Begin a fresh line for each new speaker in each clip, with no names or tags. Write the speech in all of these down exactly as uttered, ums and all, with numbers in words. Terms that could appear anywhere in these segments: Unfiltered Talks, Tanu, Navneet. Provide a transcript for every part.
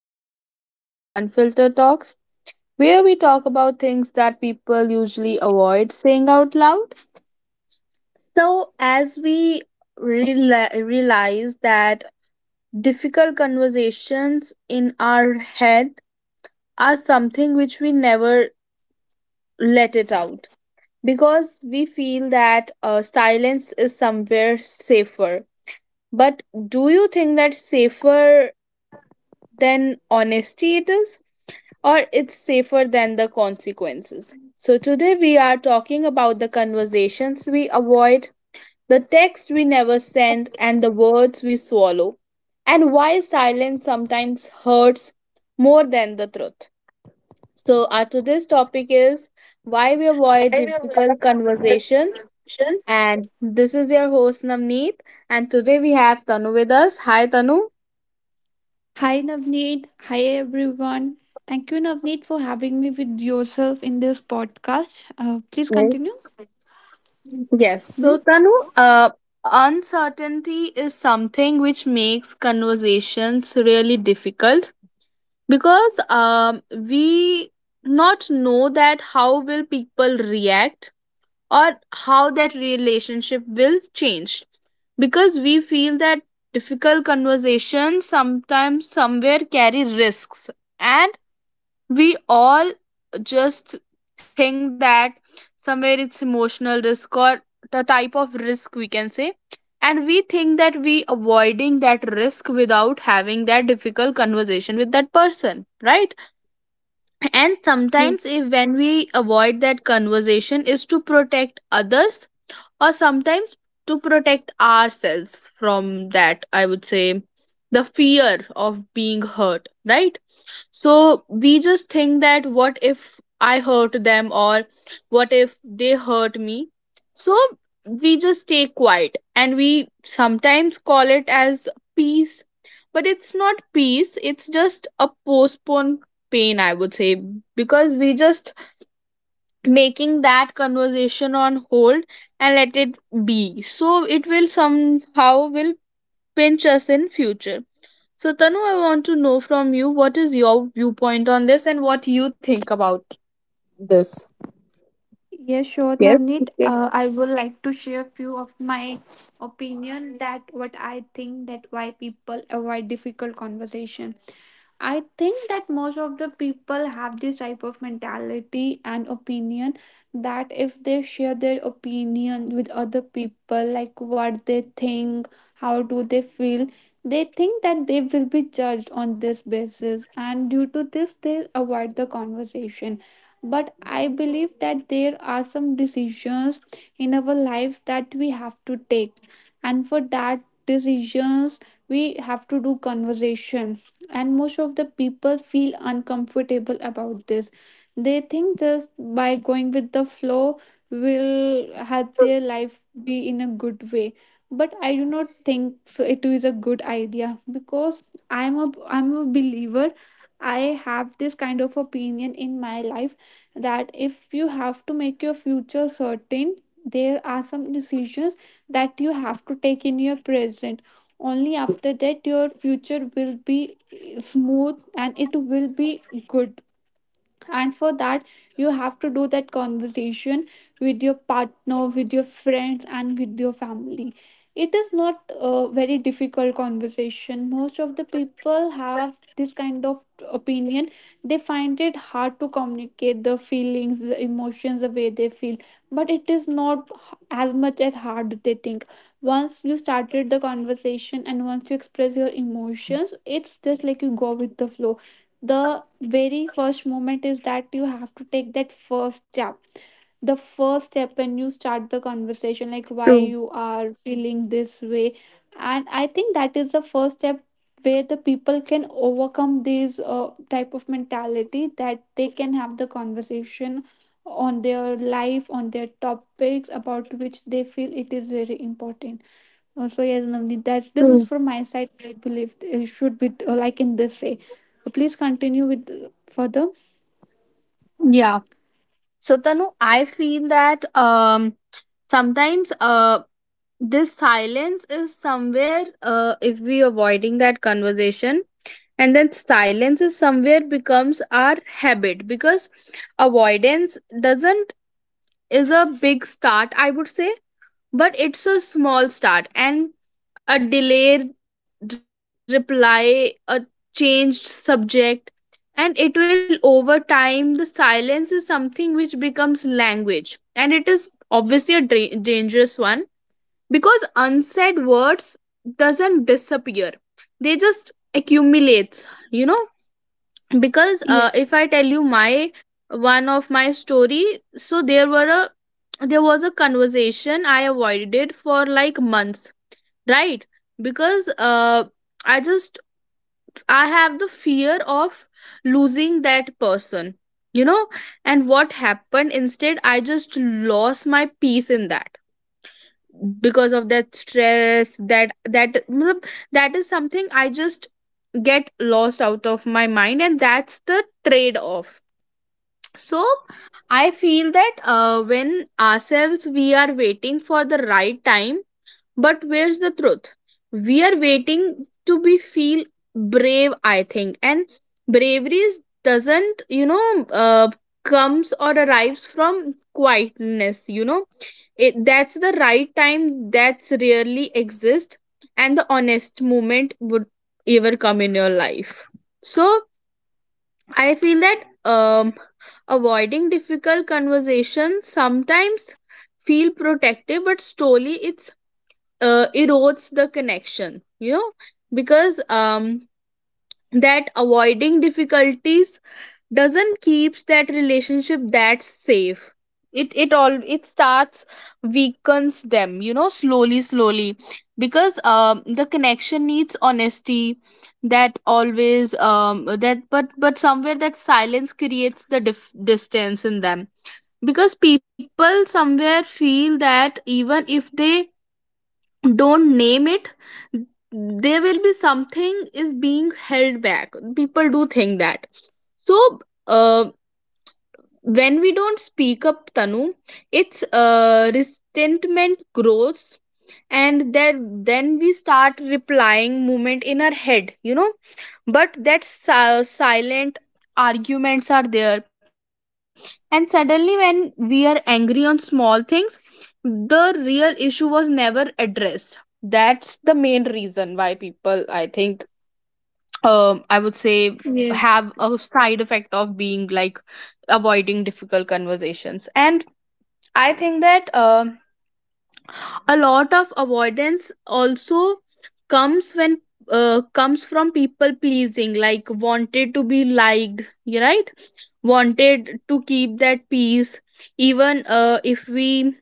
another episode of Unfiltered Talks, where we talk about things that people usually avoid saying out loud. So, as we reali- realize that difficult conversations in our head are something which we never let it out because we feel that uh, silence is somewhere safer. But do you think that safer than honesty it is? Or it's safer than the consequences. So, today we are talking about the conversations we avoid, the text we never send, and the words we swallow, and why silence sometimes hurts more than the truth. So, our today's topic is why we avoid difficult conversations. And this is your host Navneet, and today we have Tanu with us. Hi, Tanu.
Hi Navneet. Hi everyone. Thank you Navneet for having me with yourself in this podcast. Uh, please
Yes.
continue.
Yes.
Hmm?
So, Tanu, uh, uncertainty is something which makes conversations really difficult because um, we not know that how will people react or how that relationship will change because we feel that difficult conversations sometimes somewhere carry risks, and we all just think that somewhere it's emotional risk or the type of risk we can say, and we think that we avoiding that risk without having that difficult conversation with that person, right? And sometimes
Yes.
if when we avoid that conversation is to protect others, or sometimes to protect ourselves from that, I would say the fear of being hurt, right? So we just think that what if I hurt them or what if they hurt me? So we just stay quiet and we sometimes call it as peace, but it's not peace, it's just a postponed pain, I would say, because we just making that conversation on hold and let it be, so it will somehow will pinch us in future. So Tanu, I want to know from you what is your viewpoint on this and what you think about this.
Yes, sure
Yes,
Navneet.
okay,
Uh, I would like to share few of my opinion that what I think that why people avoid difficult conversation. I think that most of the people have this type of mentality and opinion that if they share their opinion with other people, like what they think, how do they feel, they think that they will be judged on this basis, and due to this, they avoid the conversation. But I believe that there are some decisions in our life that we have to take, and for that decisions, we have to do conversation, and most of the people feel uncomfortable about this. They think just by going with the flow will help their life be in a good way, but I do not think so, it is a good idea. Because i'm a i'm a believer, I have this kind of opinion in my life that if you have to make your future certain, there are some decisions that you have to take in your present. Only after that your future will be smooth and it will be good. And for that, you have to do that conversation with your partner, with your friends, and with your family. It is not a very difficult conversation. Most of the people have this kind of opinion, they find it hard to communicate the feelings, the emotions, the way they feel. But it is not as much as hard they think. Once you started the conversation and once you express your emotions, it's just like you go with the flow. The very first moment is that you have to take that first step, the first step when you start the conversation, like why you
true,
are feeling this way. And I think that is the first step where the people can overcome this uh, type of mentality, that they can have the conversation on their life, on their topics about which they feel it is very important also. Yes, Navneet, that's, this is
true.
from my side. I believe it should be, uh, like, in this way. Uh, Please continue with uh, further.
Yeah. So Tanu, I feel that um sometimes uh this silence is somewhere, uh, if we avoiding that conversation, and then silence is somewhere becomes our habit because avoidance doesn't, is a big start I would say. But it's a small start and a delayed reply, a changed subject, and it will over time. The silence is something which becomes language, and it is obviously a dra- dangerous one because unsaid words doesn't disappear; they just accumulates. You know, because uh, if
Yes,
I tell you my one of my story, so there were a there was a conversation I avoided for like months, right? Because uh i just i have the fear of losing that person, you know, and what happened instead, I just lost my peace in that because of that stress, that that matlab, that is something I just get lost out of my mind, and that's the trade off. So I feel that uh, when ourselves we are waiting for the right time, but where's the truth? We are waiting to be feel brave, I think. And bravery is, doesn't, you know, uh, comes or arrives from quietness, you know. It, that's the right time that's rarely exist and the honest moment would ever come in your life. So I feel that um, avoiding difficult conversations sometimes feel protective but slowly it, uh, erodes the connection, you know, because um that avoiding difficulties doesn't keeps that relationship that safe, it it all it starts weakens them, you know, slowly slowly, because um the connection needs honesty that always, um that but but somewhere that silence creates the dif- distance in them because people somewhere feel that even if they don't name it, there will be something is being held back, people do think that. So uh, when we don't speak up, Tanu, it's, uh, resentment grows, and then then we start replying movement in our head, you know, but that si- silent arguments are there, and suddenly when we are angry on small things, the real issue was never addressed. That's the main reason why people I think, um I would say, have
yes,
a side effect of being like avoiding difficult conversations. And I think that um a lot of avoidance also comes when, uh, comes from people pleasing, like wanted to be liked you, right? Wanted to keep that peace, even uh, if we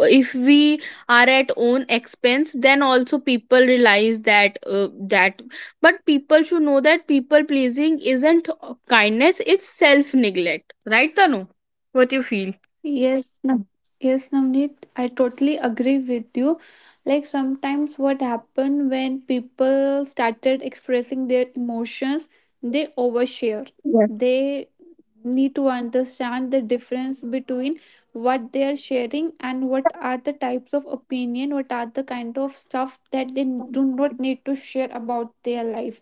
if we are at own expense, then also people realize that, uh, that, but people should know that people pleasing isn't kindness, it's self neglect, right Tanu? What you feel?
yes, Nav- yes, Navneet. I totally agree with you. Like, sometimes, what happened when people started expressing their emotions, they overshare.
Yes,
They need to understand the difference between what they are sharing and what are the types of opinion, what are the kind of stuff that they do not need to share about their life.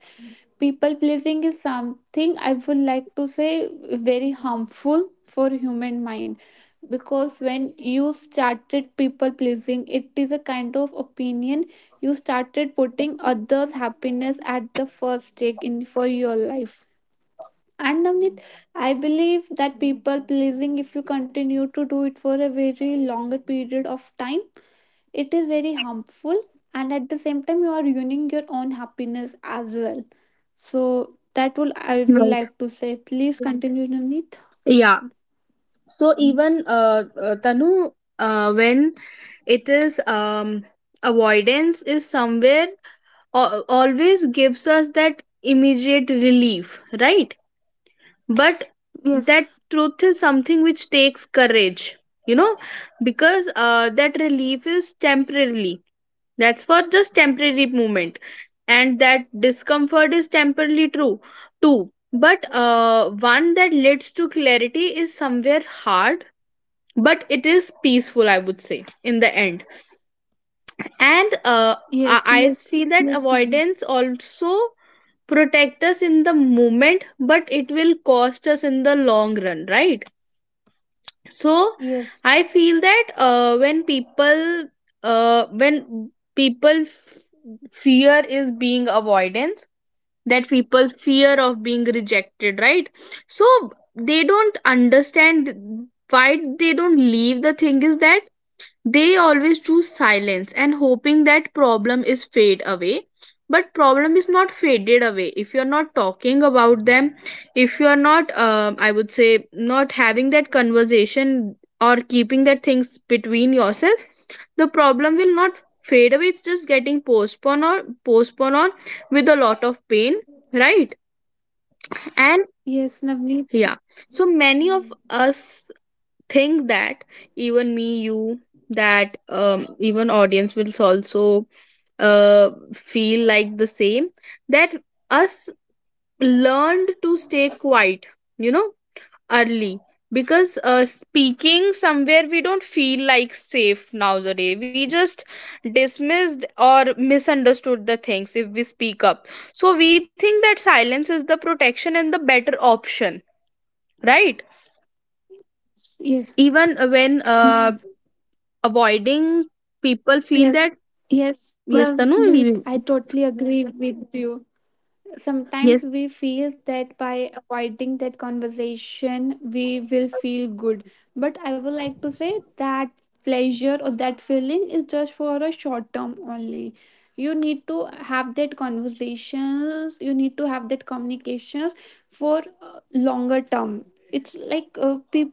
People pleasing is something I would like to say very harmful for human mind. Because when you started people pleasing, it is a kind of opinion, you started putting others happiness at the first take in for your life. And Navneet, I believe that people pleasing, if you continue to do it for a very longer period of time, it is very harmful. And at the same time, you are ruining your own happiness as well. So that will I would
right.
like to say. Please continue, Navneet.
Yeah. So even, uh, uh, Tanu, uh, when it is, um, avoidance is somewhere al- always gives us that immediate relief, right? But
Yes,
that truth is something which takes courage, you know, because, uh, that relief is temporarily, that's for just temporary moment, and that discomfort is temporarily true too, but, uh, one that leads to clarity is somewhere hard, but it is peaceful I would say in the end. And, uh, i
yes,
I
yes,
feel that
yes, Navneet.
avoidance also protect us in the moment, but it will cost us in the long run, right? So
Yes,
I feel that, uh, when people, uh, when people f- fear is being avoidance, that people fear of being rejected, right? So they don't understand why they don't leave, the thing is that they always choose silence and hoping that problem is fade away, but problem is not faded away if you're not talking about them. If you're not, uh, I would say not having that conversation or keeping that things between yourself, the problem will not fade away, it's just getting postponed or postponed on with a lot of pain, right? And
yes, Navneet.
yeah, so many of
Hmm.
us think that, even me you, that um, even audience will also, uh, feel like the same, that us learned to stay quiet, you know, early, because, uh, speaking somewhere we don't feel like safe nowadays, we just dismissed or misunderstood the things if we speak up. So we think that silence is the protection and the better option, right?
Yes.
Even when,
Hmm.
uh, avoiding, people feel that,
Yes,
yes Tanu,
Navneet. I
you-
totally agree with you.
yes,
Sometimes we feel that by avoiding that conversation we will feel good, but I would like to say that pleasure or that feeling is just for a short term only. You need to have that conversations, you need to have that communications for uh, longer term. It's like, uh, peop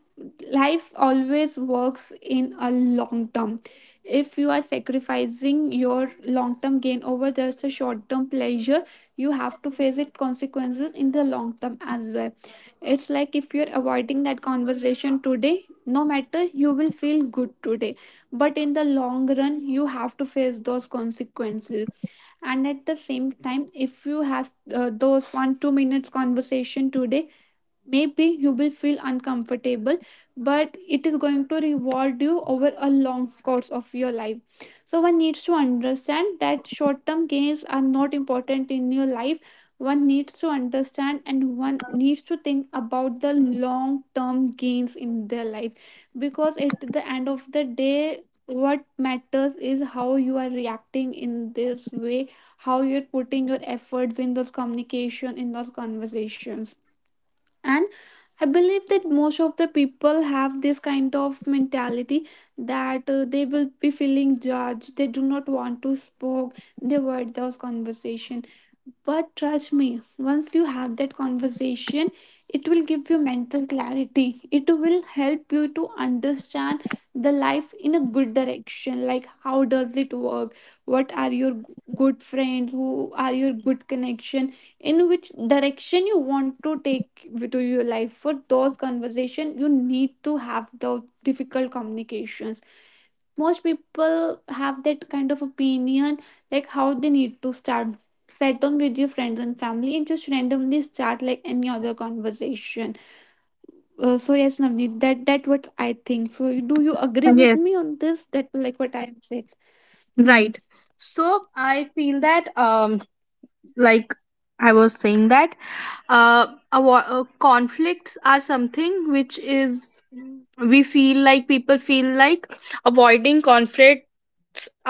life always works in a long term. If you are sacrificing your long term gain over just a short term pleasure, you have to face its consequences in the long term as well. It's like, if you're avoiding that conversation today, no matter, you will feel good today, but in the long run you have to face those consequences. And at the same time, if you have uh, those one two minutes conversation today, maybe you will feel uncomfortable, but it is going to reward you over a long course of your life. So one needs to understand that short term gains are not important in your life. One needs to understand, and one needs to think about the long term gains in their life. Because at the end of the day, what matters is how you are reacting in this way, how you're putting your efforts in those communication, in those conversations. And I believe that most of the people have this kind of mentality that uh, they will be feeling judged, they do not want to spoke, they avoid those conversation. But trust me, once you have that conversation, it will give you mental clarity, it will help you to understand the life in a good direction, like how does it work, what are your good friends, who are your good connection, in which direction you want to take to your life. For those conversation you need to have those difficult communications. Most people have that kind of opinion, like how they need to start. Set down with your friends and family, and just randomly start like any other conversation. Uh, so yes Navneet, that that what I think. So do you agree with
yes,
me on this, that like what I have said? Hmm?
right. So I feel that, um like I was saying that, uh, avo- uh conflicts are something which is we feel like, people feel like avoiding conflicts are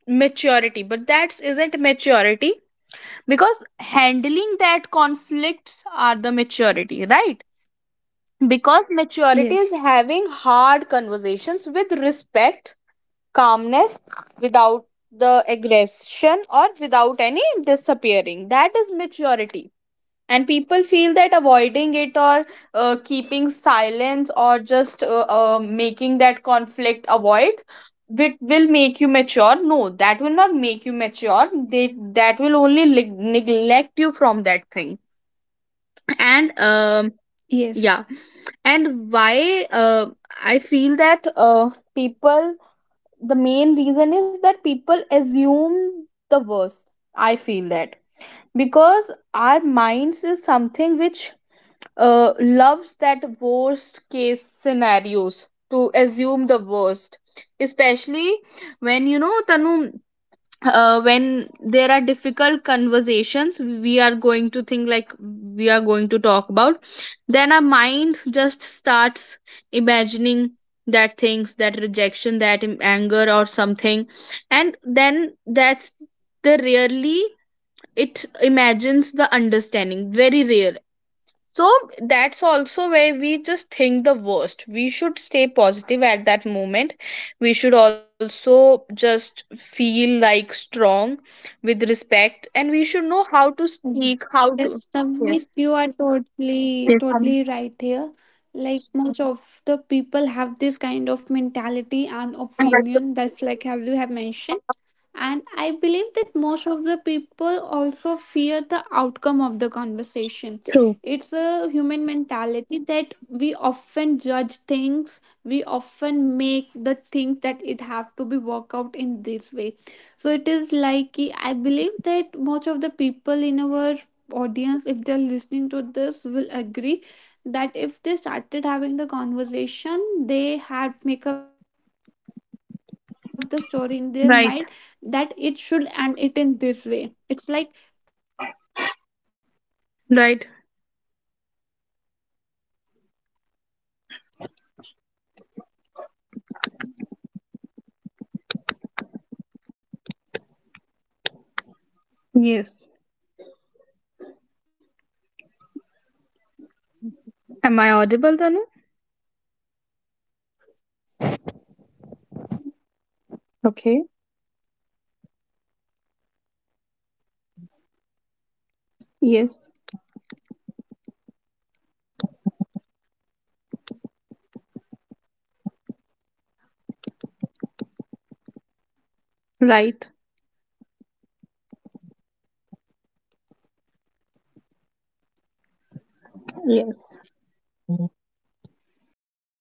maturity, but that isn't maturity, because handling that conflicts are the maturity, right? Because maturity is
Yes.
having hard conversations with respect, calmness, without the aggression or without any disappearing, that is maturity. And people feel that avoiding it or, uh, keeping silence or just, uh, uh, making that conflict avoid, it will make you mature. No, that will not make you mature, they that will only lig- neglect you from that thing. And um
Yes.
yeah. And why, uh, I feel that, uh, people, the main reason is that people assume the worst, I feel that, because our minds is something which, uh, loves that worst case scenarios to assume the worst, especially when, you know, Tanu, uh, when there are difficult conversations we are going to think like, we are going to talk about, then our mind just starts imagining that things, that rejection, that im- anger or something. And then that's the rarely it imagines the understanding, very rare. So that's also where we just think the worst. We should stay positive at that moment. We should also just feel like strong with respect, and we should know how to speak, how to.
Yes, Navneet,
Yes,
you are totally,
yes, um,
totally right here. Like, much of the people have this kind of mentality and
and that's
opinion, that's like as you have mentioned. And I believe that most of the people also fear the outcome of the conversation.
true.
It's a human mentality that we often judge things, we often make the things that it have to be worked out in this way. So it is like, I believe that most of the people in our audience, if they're listening to this, will agree that if they started having the conversation, they had make up the story in their mind that it should end it
Right,
in this way. It's like, before starting the conversation, they have concluded it, they have the end of the
right.
story. And if, w- once they started having the conversation in real life, if that ending has not ma- if that ending of that conversation is not
Yes.
aligned with the expectations that they have set in their mind,
Am
that
I audible, Tanu?
awkwardness, that fear is some. Yes, Navneet, you're audible.
Okay.
Hmm? So yes, Navneet, I was just saying that most of the people have that
Yes.
fear of, well, this alignment, that if the conversation does not according according to their expectation, they have that kind of a fear.
Right.
So that was I was saying. Please speaking. Yes, Navneet, please continue. Hmm?
Yes.
So Navneet, am I